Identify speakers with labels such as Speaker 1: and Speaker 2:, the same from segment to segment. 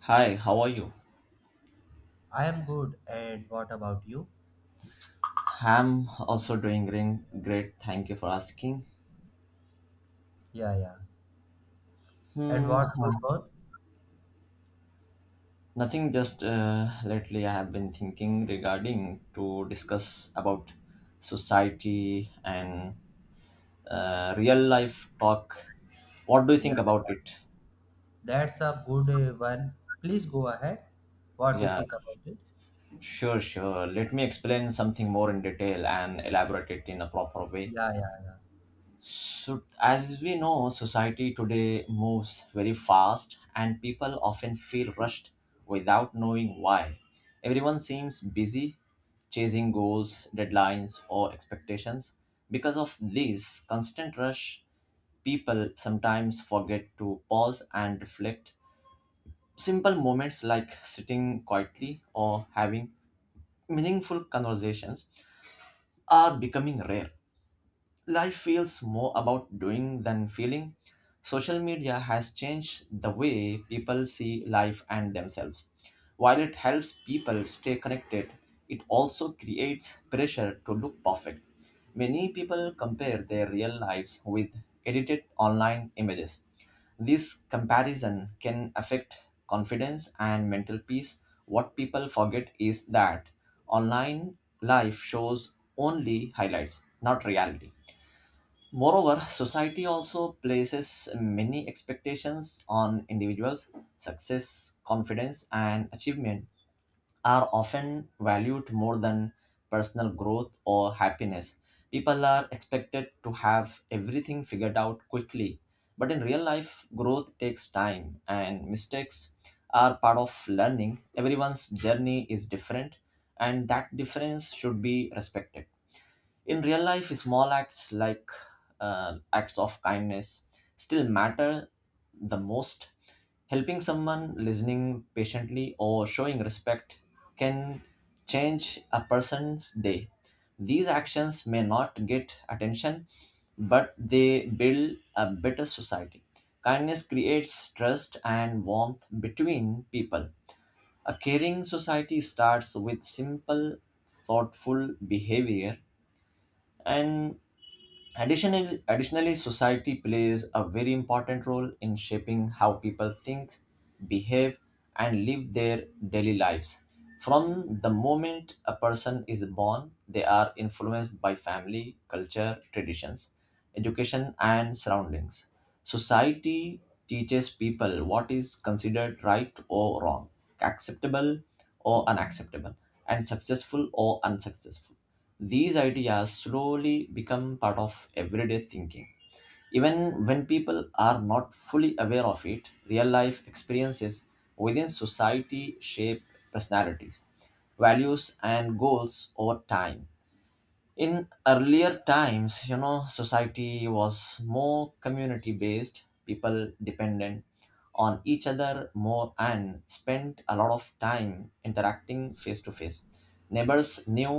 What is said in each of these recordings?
Speaker 1: Hi, how are you?
Speaker 2: I am good. And what about you?
Speaker 1: I'm also doing green, great. Thank you for asking.
Speaker 2: Yeah, yeah. And
Speaker 1: Hmm,
Speaker 2: what good one?
Speaker 1: nothing. Just lately, I have been thinking regarding to discuss about society and real life talk. What do you
Speaker 2: Yeah,
Speaker 1: think about
Speaker 2: yeah.
Speaker 1: it?
Speaker 2: That's a good one. Please go ahead. What you
Speaker 1: Yeah,
Speaker 2: think about it?
Speaker 1: sure, sure. Let me explain something more in detail and elaborate it in a proper way.
Speaker 2: Yeah, yeah, yeah.
Speaker 1: So, as we know, society today moves very fast, and people often feel rushed without knowing why. Everyone seems busy chasing goals, deadlines, or expectations. Because of this constant rush, people sometimes forget to pause and reflect. Simple moments like sitting quietly or having meaningful conversations are becoming rare. Life feels more about doing than feeling. Social media has changed the way people see life and themselves. While it helps people stay connected, it also creates pressure to look perfect. Many people compare their real lives with edited online images. This comparison can affect confidence and mental peace. What people forget is that online life shows only highlights, not reality. Moreover, society also places many expectations on individuals. Success, confidence, and achievement are often valued more than personal growth or happiness. People are expected to have everything figured out quickly. But in real life, growth takes time, and mistakes are part of learning. Everyone's journey is different, and that difference should be respected. In real life, small acts like acts of kindness still matter the most. Helping someone, listening patiently, or showing respect can change a person's day. These actions may not get attention, but they build a better society. Kindness creates trust and warmth between people. A caring society starts with simple, thoughtful behavior, and additionally, society plays a very important role in shaping how people think, behave, and live their daily lives. From the moment a person is born, they are influenced by family, culture, traditions, education, and surroundings. Society teaches people what is considered right or wrong, acceptable or unacceptable, and successful or unsuccessful. These ideas slowly become part of everyday thinking. Even when people are not fully aware of it, real life experiences within society shape personalities, values, and goals over time in Earlier times, society was more community based. People depended on each other more and spent a lot of time interacting face to face. Neighbors knew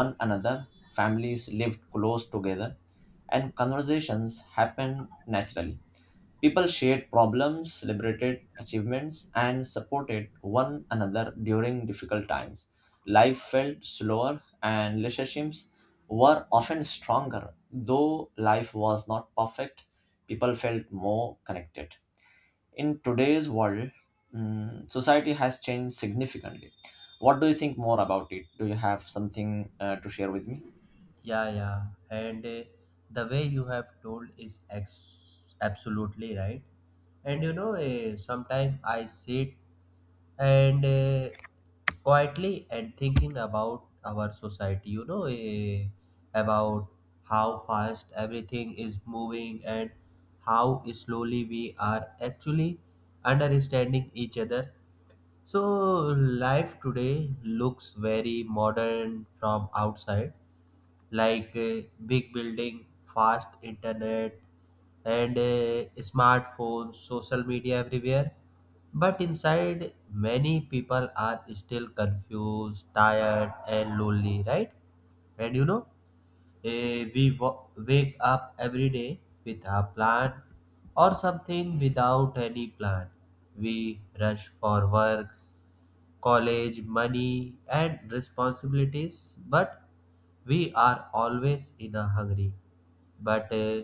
Speaker 1: one another. Families lived close together, and conversations happened naturally. People shared problems, celebrated achievements, and supported one another during difficult times. Life felt slower, and relationships were often stronger. Though life was not perfect, people felt more connected. In today's world, society has changed significantly. What do you think more about it? Do you have something to share with me?
Speaker 2: Yeah, yeah. And The way you have told is absolutely right. And you know, sometimes I sit and quietly and thinking about our society, you know, about how fast everything is moving and how slowly we are actually understanding each other. So life today looks very modern from outside, like big building, fast internet, and smartphones, social media everywhere. But inside, many people are still confused, tired, and lonely, right? And you know, we wake up every day with a plan or something without any plan. We rush for work, college, money, and responsibilities, but we are always in a hurry. But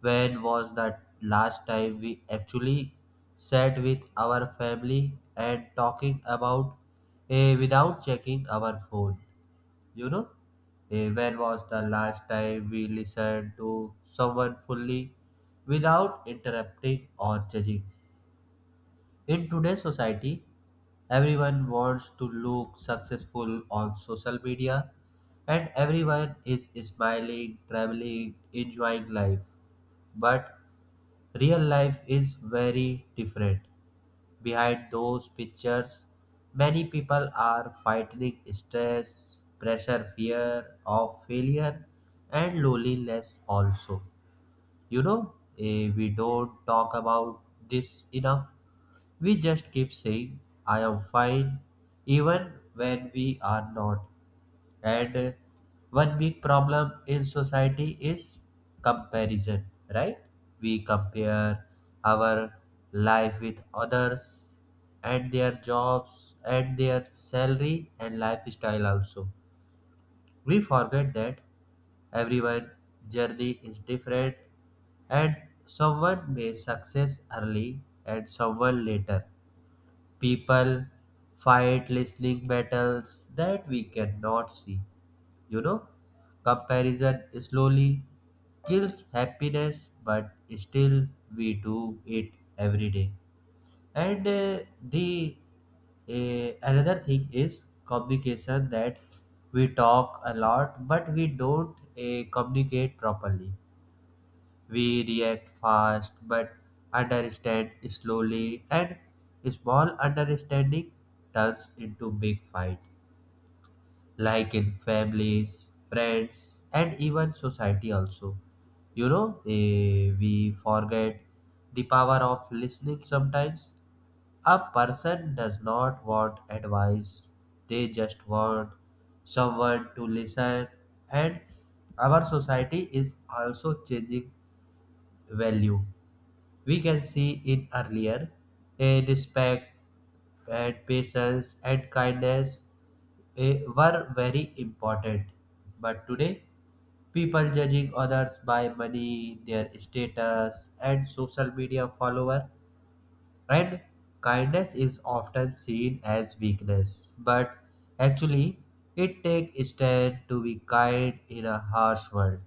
Speaker 2: when was that last time we actually sat with our family and talking about without checking our phone? You know, when was the last time we listened to someone fully without interrupting or judging? In today's society, everyone wants to look successful on social media, and everyone is smiling, traveling, enjoying life. But real life is very different. Behind those pictures, many people are fighting stress, pressure, fear of failure, and loneliness also. You know, we don't talk about this enough. We just keep saying, I am fine, even when we are not. And One big problem in society is comparison, right? We compare our life with others, and their jobs and their salary and lifestyle also. We forget that everyone's journey is different, and someone may success early and someone later. People fight listening battles that we cannot see. You know, comparison slowly kills happiness, but still we do it every day. And the Another thing is communication. That we talk a lot, but we don't communicate properly. We react fast but understand slowly, and small understanding turns into big fight, like in families, friends, and even society also. You know, we forget the power of listening sometimes. A person does not want advice, they just want someone to listen. And our society is also changing value. We can see in earlier, a respect and patience and kindness were very important. But today, people judging others by money, their status, and social media follower. And kindness is often seen as weakness, but actually, it takes stand to be kind in a harsh world.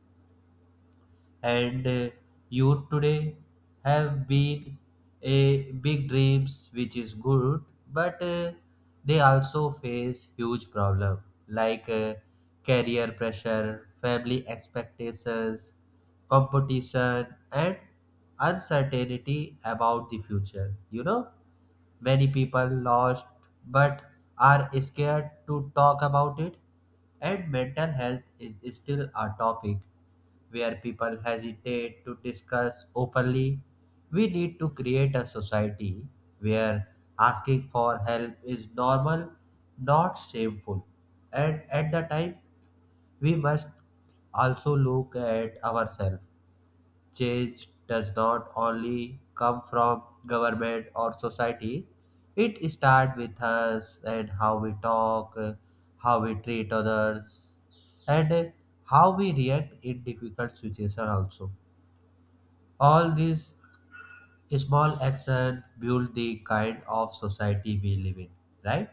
Speaker 2: And Youth today have been a big dreams, which is good, but they also face huge problem, like career pressure, family expectations, competition, and uncertainty about the future. You know, many people lost but are scared to talk about it. And mental health is still a topic where people hesitate to discuss openly. We need to create a society where asking for help is normal, not shameful. And at the time, we must also look at ourselves. Change does not only come from government or society. It starts with us, and how we talk, how we treat others, and how we react in difficult situations also. All these small actions build the kind of society we live in, right?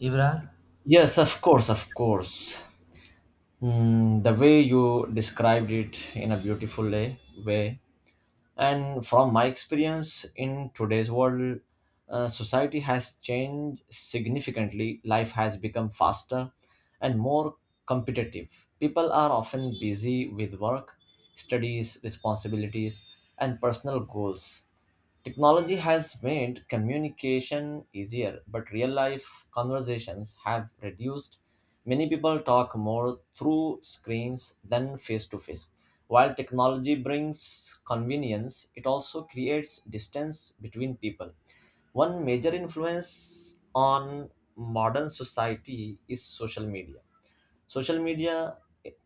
Speaker 2: Imran?
Speaker 1: Yes, of course, of course. The way you described it in a beautiful way. And from my experience in today's world, society has changed significantly. Life has become faster and more competitive. People are often busy with work, studies, responsibilities, and personal goals. Technology has made communication easier, but real life conversations have reduced. Many people talk more through screens than face to face. While technology brings convenience, it also creates distance between people. One major influence on modern society is social media. Social media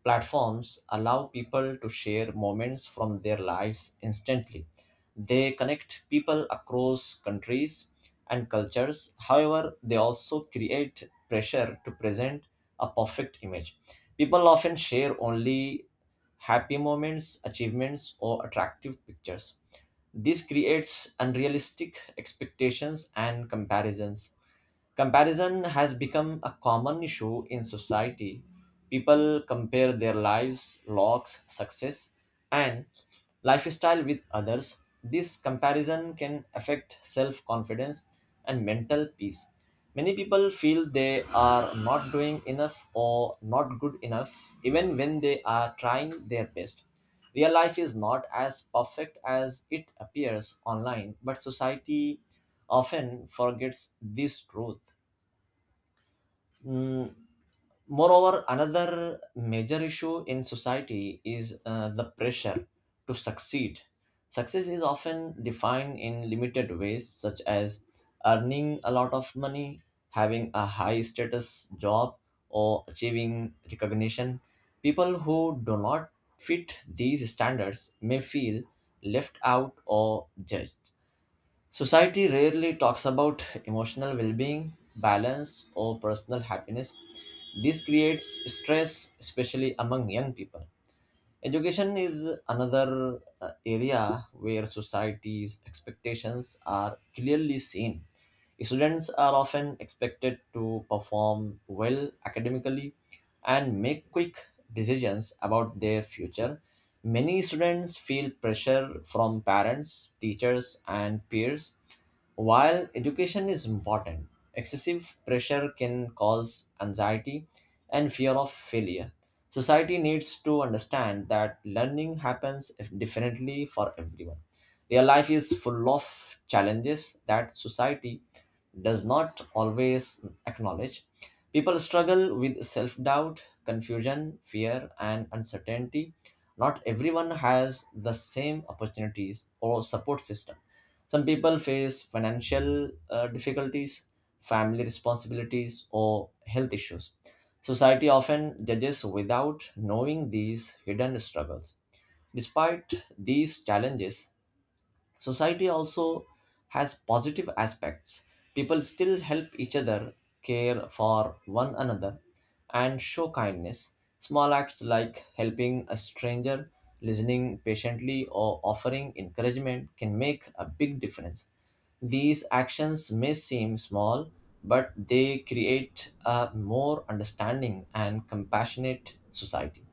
Speaker 1: platforms allow people to share moments from their lives instantly. They connect people across countries and cultures. However, they also create pressure to present a perfect image. People often share only happy moments, achievements, or attractive pictures. This creates unrealistic expectations and comparisons. Comparison has become a common issue in society. People compare their lives, locks, success, and lifestyle with others. This comparison can affect self confidence and mental peace. Many people feel they are not doing enough or not good enough, even when they are trying their best. Real life is not as perfect as it appears online, but society often forgets this truth. Mm, Moreover, another major issue in society is the pressure to succeed. Success is often defined in limited ways, such as earning a lot of money, having a high status job, or achieving recognition. People who do not fit these standards may feel left out or judged. Society rarely talks about emotional well being, balance, or personal happiness. This creates stress, especially among young people. Education is another area where society's expectations are clearly seen. Students are often expected to perform well academically and make quick decisions about their future. Many students feel pressure from parents, teachers, and peers. While education is important, excessive pressure can cause anxiety and fear of failure. Society needs to understand that learning happens differently for everyone. Real life is full of challenges that society does not always acknowledge. People struggle with self doubt, confusion, fear, and uncertainty. Not everyone has the same opportunities or support system. Some people face financial difficulties, family responsibilities, or health issues. Society often judges without knowing these hidden struggles. Despite these challenges, society also has positive aspects. People still help each other, care for one another, and show kindness. Small acts like helping a stranger, listening patiently, or offering encouragement can make a big difference. These actions may seem small, but they create a more understanding and compassionate society.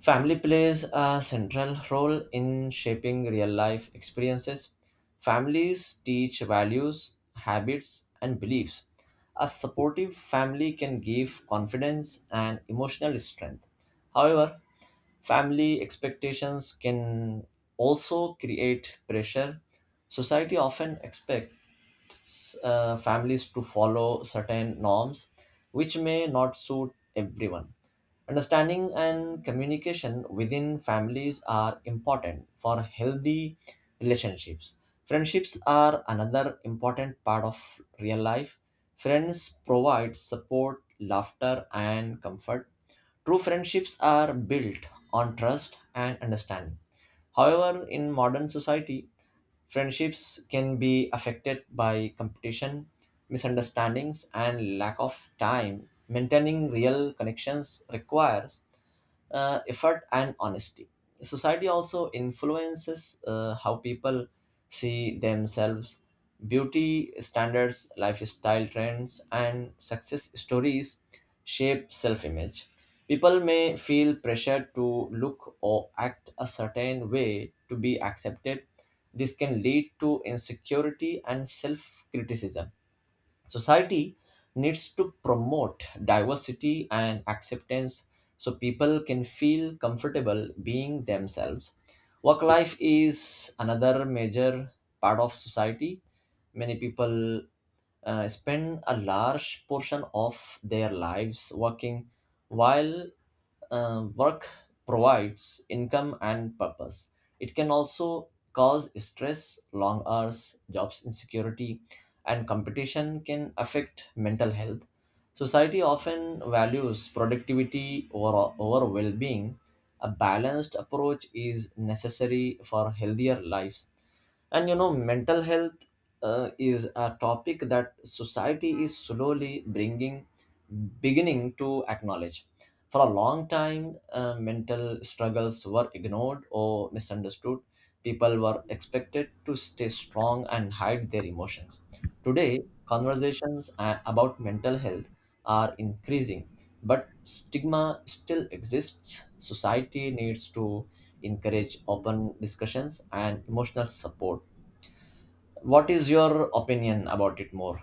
Speaker 1: Family plays a central role in shaping real life experiences. Families teach values, habits, and beliefs. A supportive family can give confidence and emotional strength. However, family expectations can also create pressure. Society often expects families to follow certain norms, which may not suit everyone. Understanding and communication within families are important for healthy relationships. Friendships are another important part of real life. Friends provide support, laughter, and comfort. True friendships are built on trust and understanding. However, in modern society, friendships can be affected by competition, misunderstandings, and lack of time. Maintaining real connections requires effort and honesty. Society also influences how people see themselves. Beauty standards, lifestyle trends, and success stories shape self-image. People may feel pressure to look or act a certain way to be accepted. This can lead to insecurity and self-criticism. Society needs to promote diversity and acceptance so people can feel comfortable being themselves. Work life is another major part of society. Many people spend a large portion of their lives working, while work provides income and purpose. It can also cause stress, long hours, jobs insecurity, and competition can affect mental health. Society often values productivity over well being. A balanced approach is necessary for healthier lives. And you know, mental health is a topic that society is slowly bringing, beginning to acknowledge. For a long time, mental struggles were ignored or misunderstood. People were expected to stay strong and hide their emotions. Today, conversations about mental health are increasing, but stigma still exists. Society needs to encourage open discussions and emotional support. What is your opinion about it more?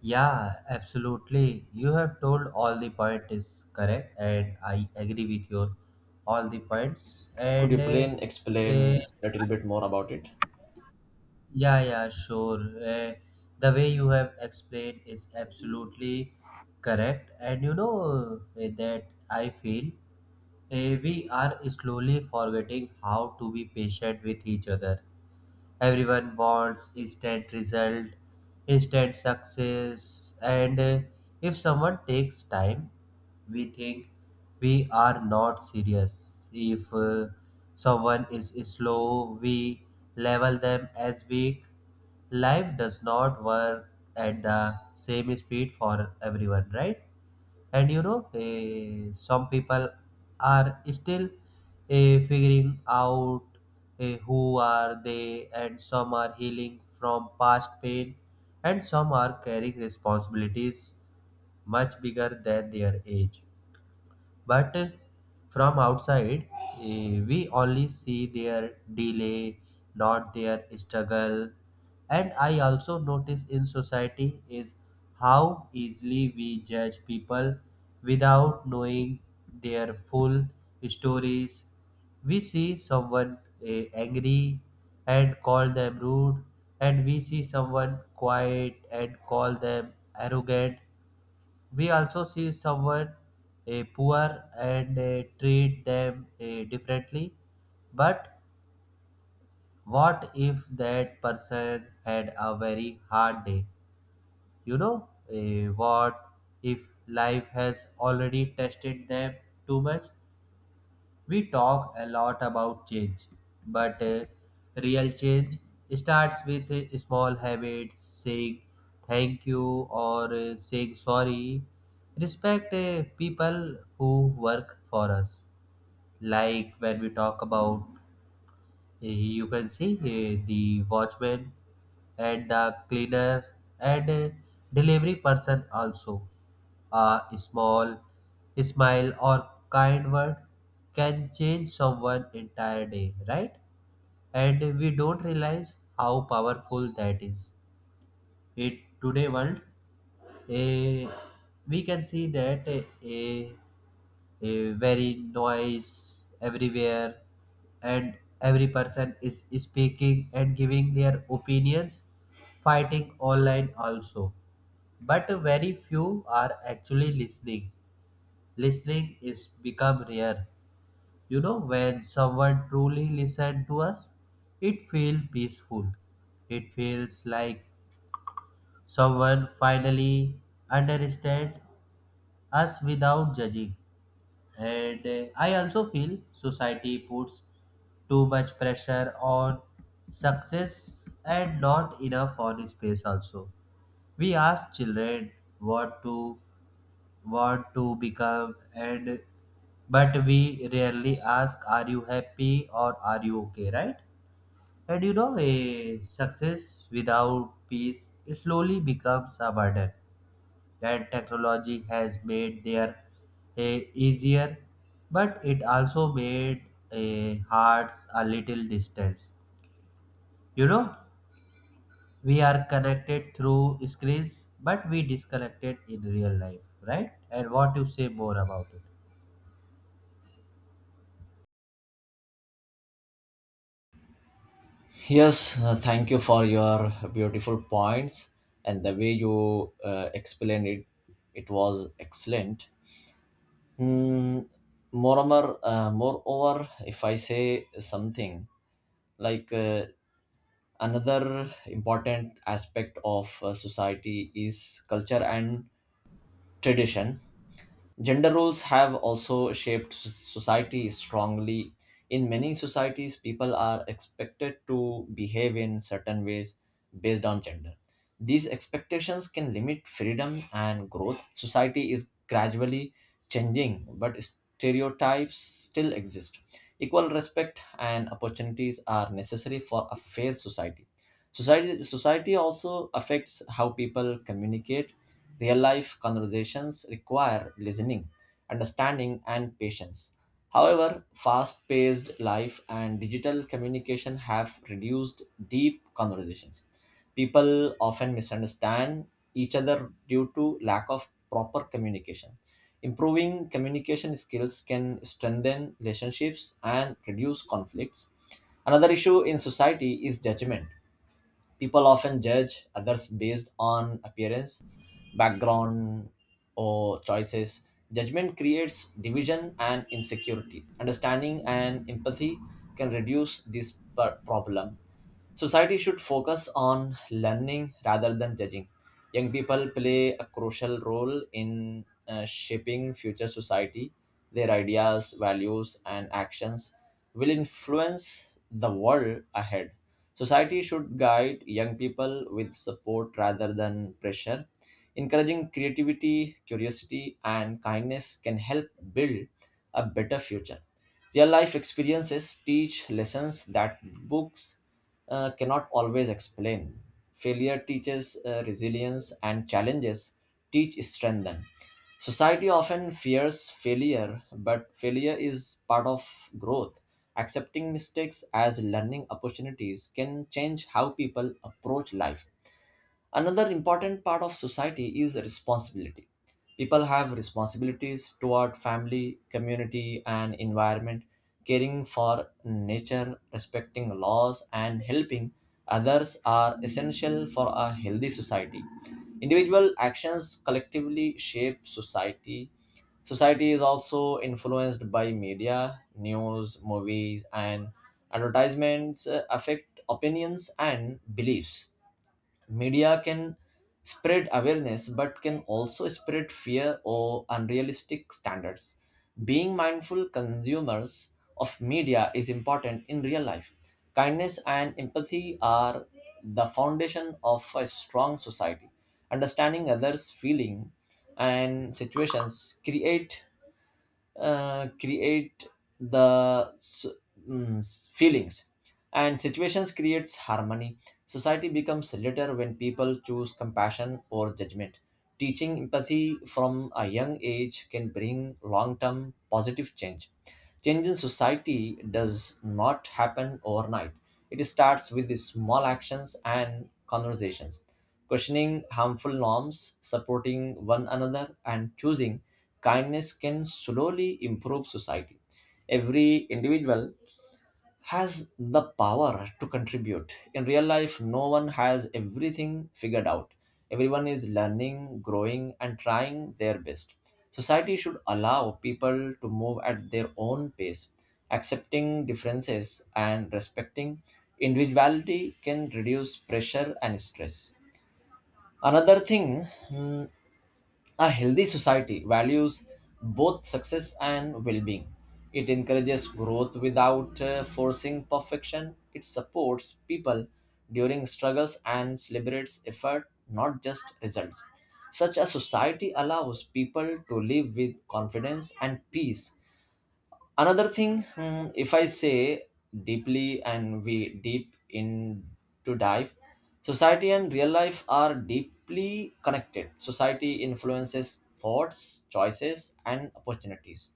Speaker 2: Yeah, absolutely. You have told all the point is correct, and I agree with your all the points.
Speaker 1: Could you
Speaker 2: And
Speaker 1: plain
Speaker 2: uh,
Speaker 1: explain a little bit more about it?
Speaker 2: yeah, yeah, sure. Uh, the way you have explained is absolutely correct. And you know that I feel we are slowly forgetting how to be patient with each other. Everyone wants instant result, instant success, and if someone takes time, we think we are not serious. If someone is slow, we level them as weak. Life does not work at the same speed for everyone, right? And you know, some people are still figuring out who are they, and some are healing from past pain, and some are carrying responsibilities much bigger than their age. But from outside, we only see their delay, not their struggle. And I also notice in society is how easily we judge people without knowing their full stories. We see someone angry and call them rude, and we see someone quiet and call them arrogant. We also see someone poor and treat them differently. But what if that person had a very hard day? You know, what if life has already tested them too much? We talk a lot about change, but real change starts with small habits, saying thank you or saying sorry. Respect people who work for us. Like when we talk about, you can see the watchman and the cleaner and delivery person also. A small smile or kind word can change someone entire day, right? And we don't realize how powerful that is. It today world, eh, we can see that a very noise everywhere, and every person is speaking and giving their opinions, fighting online also, but very few are actually listening. Listening is become rare. You know, when someone truly listen to us, it feels peaceful. It feels like someone finally understand us without judging. And I also feel society puts too much pressure on success and not enough on space also. We ask children what to want to become, and but we rarely ask, are you happy or are you okay, right? And you know, a success without peace slowly becomes a burden. That technology has made their a easier, but it also made a hearts a little distance. You know, we are connected through screens, but we disconnected in real life, right? And what you say more about it?
Speaker 1: Yes, thank you for your beautiful points and the way you explained it. It was excellent. Hmm. Moreover, if I say something like another important aspect of society is culture and tradition. Gender roles have also shaped society strongly. In many societies, people are expected to behave in certain ways based on gender. These expectations can limit freedom and growth. Society is gradually changing, but stereotypes still exist. Equal respect and opportunities are necessary for a fair society. Society also affects how people communicate. Real life conversations require listening, understanding, and patience. However, fast paced life and digital communication have reduced deep conversations. People often misunderstand each other due to lack of proper communication. Improving communication skills can strengthen relationships and reduce conflicts. Another issue in society is judgment. People often judge others based on appearance, background, or choices. Judgment creates division and insecurity. Understanding and empathy can reduce this problem. Society should focus on learning rather than judging. Young people play a crucial role in shaping future society. Their ideas, values, and actions will influence the world ahead. Society should guide young people with support rather than pressure. Encouraging creativity, curiosity, and kindness can help build a better future. Real life experiences teach lessons that books cannot always explain. Failure teaches resilience, and challenges teach strength. Then. Society often fears failure, but failure is part of growth. Accepting mistakes as learning opportunities can change how people approach life. Another important part of society is responsibility. People have responsibilities toward family, community, and environment. Caring for nature, respecting laws, and helping others are essential for a healthy society. Individual actions collectively shape society. Society is also influenced by media, news, movies, and advertisements, affect opinions and beliefs. Media can spread awareness but can also spread fear or unrealistic standards. Being mindful consumers of media is important in real life. Kindness and empathy are the foundation of a strong society. Understanding others feeling and situations create create the mm, feelings and situations creates harmony. Society becomes litter when people choose compassion or judgment. Teaching empathy from a young age can bring long-term positive change. Change in society does not happen overnight. It starts with the small actions and conversations. Questioning harmful norms, supporting one another, and choosing kindness can slowly improve society. Every individual has the power to contribute. In real life, no one has everything figured out. Everyone is learning, growing, and trying their best. Society should allow people to move at their own pace. Accepting differences and respecting individuality can reduce pressure and stress. Another thing, a healthy society values both success and well being. It encourages growth without forcing perfection. It supports people during struggles and celebrates effort, not just results. Such a society allows people to live with confidence and peace. Another thing, if I say deeply and we deep in to dive, society and real life are deeply connected. Society influences thoughts, choices, and opportunities,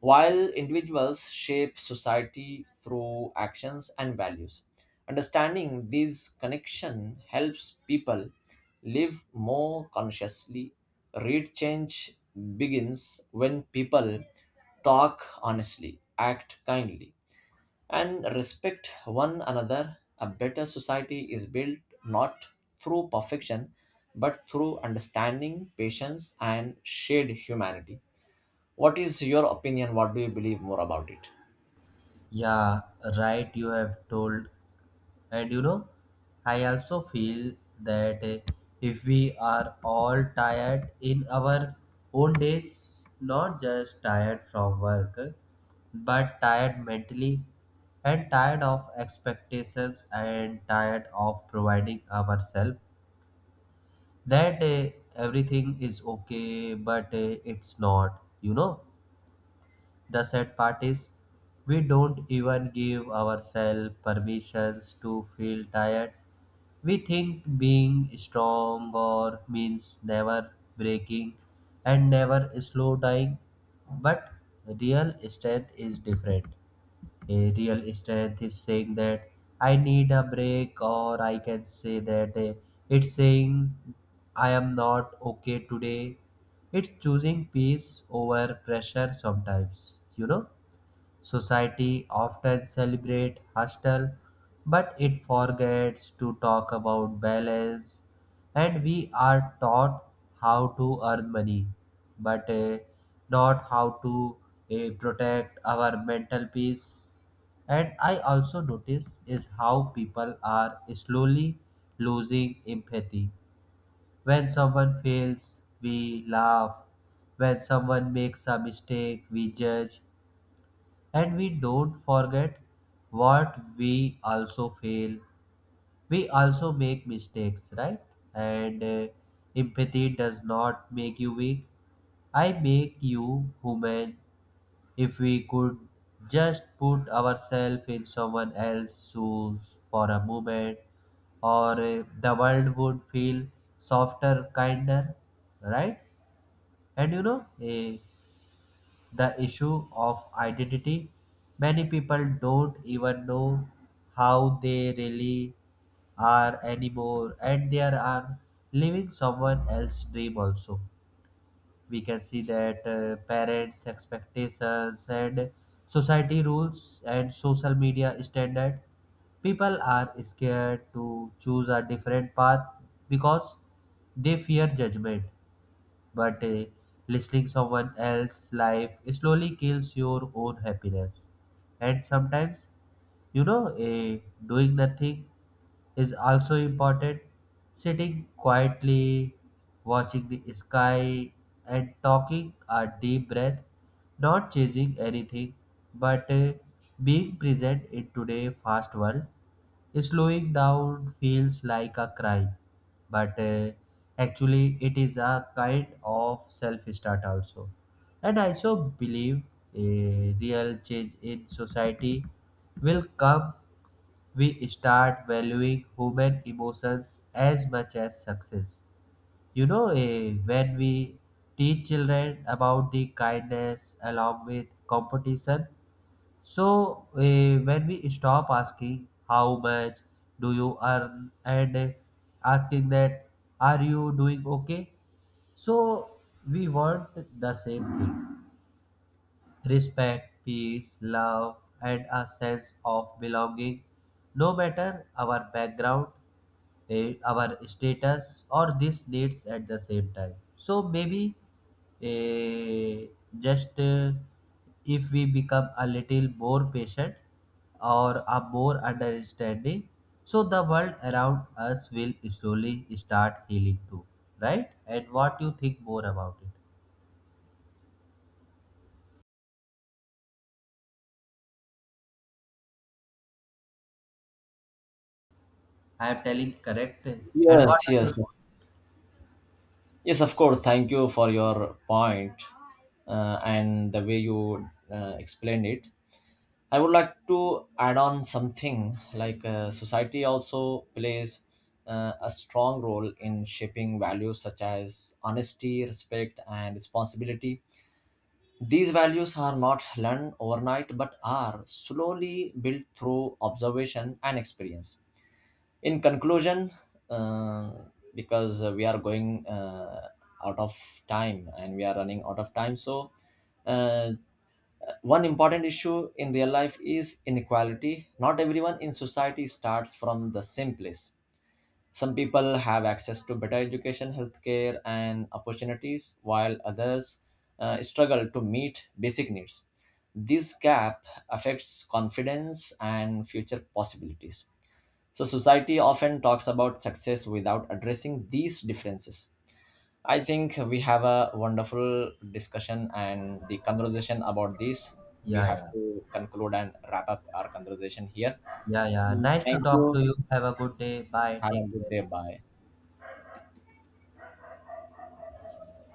Speaker 1: while individuals shape society through actions and values. Understanding these connection helps people live more consciously. Real change begins when people talk honestly, act kindly, and respect one another. A better society is built not through perfection but through understanding, patience, and shared humanity. What is your opinion? What do you believe more about it?
Speaker 2: Yeah, right, you have told. And you know, I also feel that if we are all tired in our own days, not just tired from work, but tired mentally and tired of expectations and tired of providing ourselves that everything is okay, but it's not, you know, the sad part is, we don't even give ourselves permissions to feel tired. We think being strong or means never breaking and never slow dying, but real strength is different. A real strength is saying that I need a break, or I can say that, it's saying I am not okay today. It's choosing peace over pressure sometimes, you know. Society often celebrate hustle, but it forgets to talk about balance. And we are taught how to earn money, but not how to protect our mental peace. And I also notice is how people are slowly losing empathy. When someone fails, we laugh. When someone makes a mistake, we judge. And we don't forget what we also fail. We also make mistakes, right? And Empathy does not make you weak. I make you human. If we could just put ourselves in someone else's shoes for a moment, or the world would feel softer, kinder, right? And you know, the issue of identity. Many people don't even know how they really are anymore, and they are living someone else's dream also. We can see that parents' expectations and society rules and social media standard. People are scared to choose a different path because they fear judgment, but listening someone else's life slowly kills your own happiness. And sometimes, you know, doing nothing is also important. Sitting quietly, watching the sky, and talking a deep breath, not chasing anything, but being present in today's fast world. Slowing down feels like a crime, but actually it is a kind of self-start also. And I also believe a real change in society will come. We start valuing human emotions as much as success. You know, when we teach children about the kindness along with competition, so, when we stop asking how much do you earn, and asking that are you doing okay, so we want the same thing, respect, peace, love, and a sense of belonging, no matter our background, our status, or these needs at the same time. So maybe eh, just eh, if we become a little more patient or a more understanding, so the world around us will slowly start healing too, right? And what you think more about it? I am telling correct. Eh? And what
Speaker 1: Yes,
Speaker 2: are
Speaker 1: yes,
Speaker 2: your
Speaker 1: yes. Of course. Thank you for your point, and the way you explained it. I would like to add on something like society also plays a strong role in shaping values such as honesty, respect, and responsibility. These values are not learned overnight but are slowly built through observation and experience. In conclusion, uh, because we are going out of time and we are running out of time, so uh, one important issue in real life is inequality. Not everyone in society starts from the same place. Some people have access to better education, healthcare, and opportunities, while others struggle to meet basic needs. This gap affects confidence and future possibilities, so society often talks about success without addressing these differences. I think we have a wonderful discussion and the conversation about this. We
Speaker 2: Yeah,
Speaker 1: have
Speaker 2: yeah.
Speaker 1: to conclude and wrap up our conversation here.
Speaker 2: Yeah, yeah. Nice to
Speaker 1: Thank
Speaker 2: talk to
Speaker 1: you.
Speaker 2: you. Have a good day. Bye.
Speaker 1: Have a
Speaker 2: Take
Speaker 1: good
Speaker 2: care.
Speaker 1: day. Bye.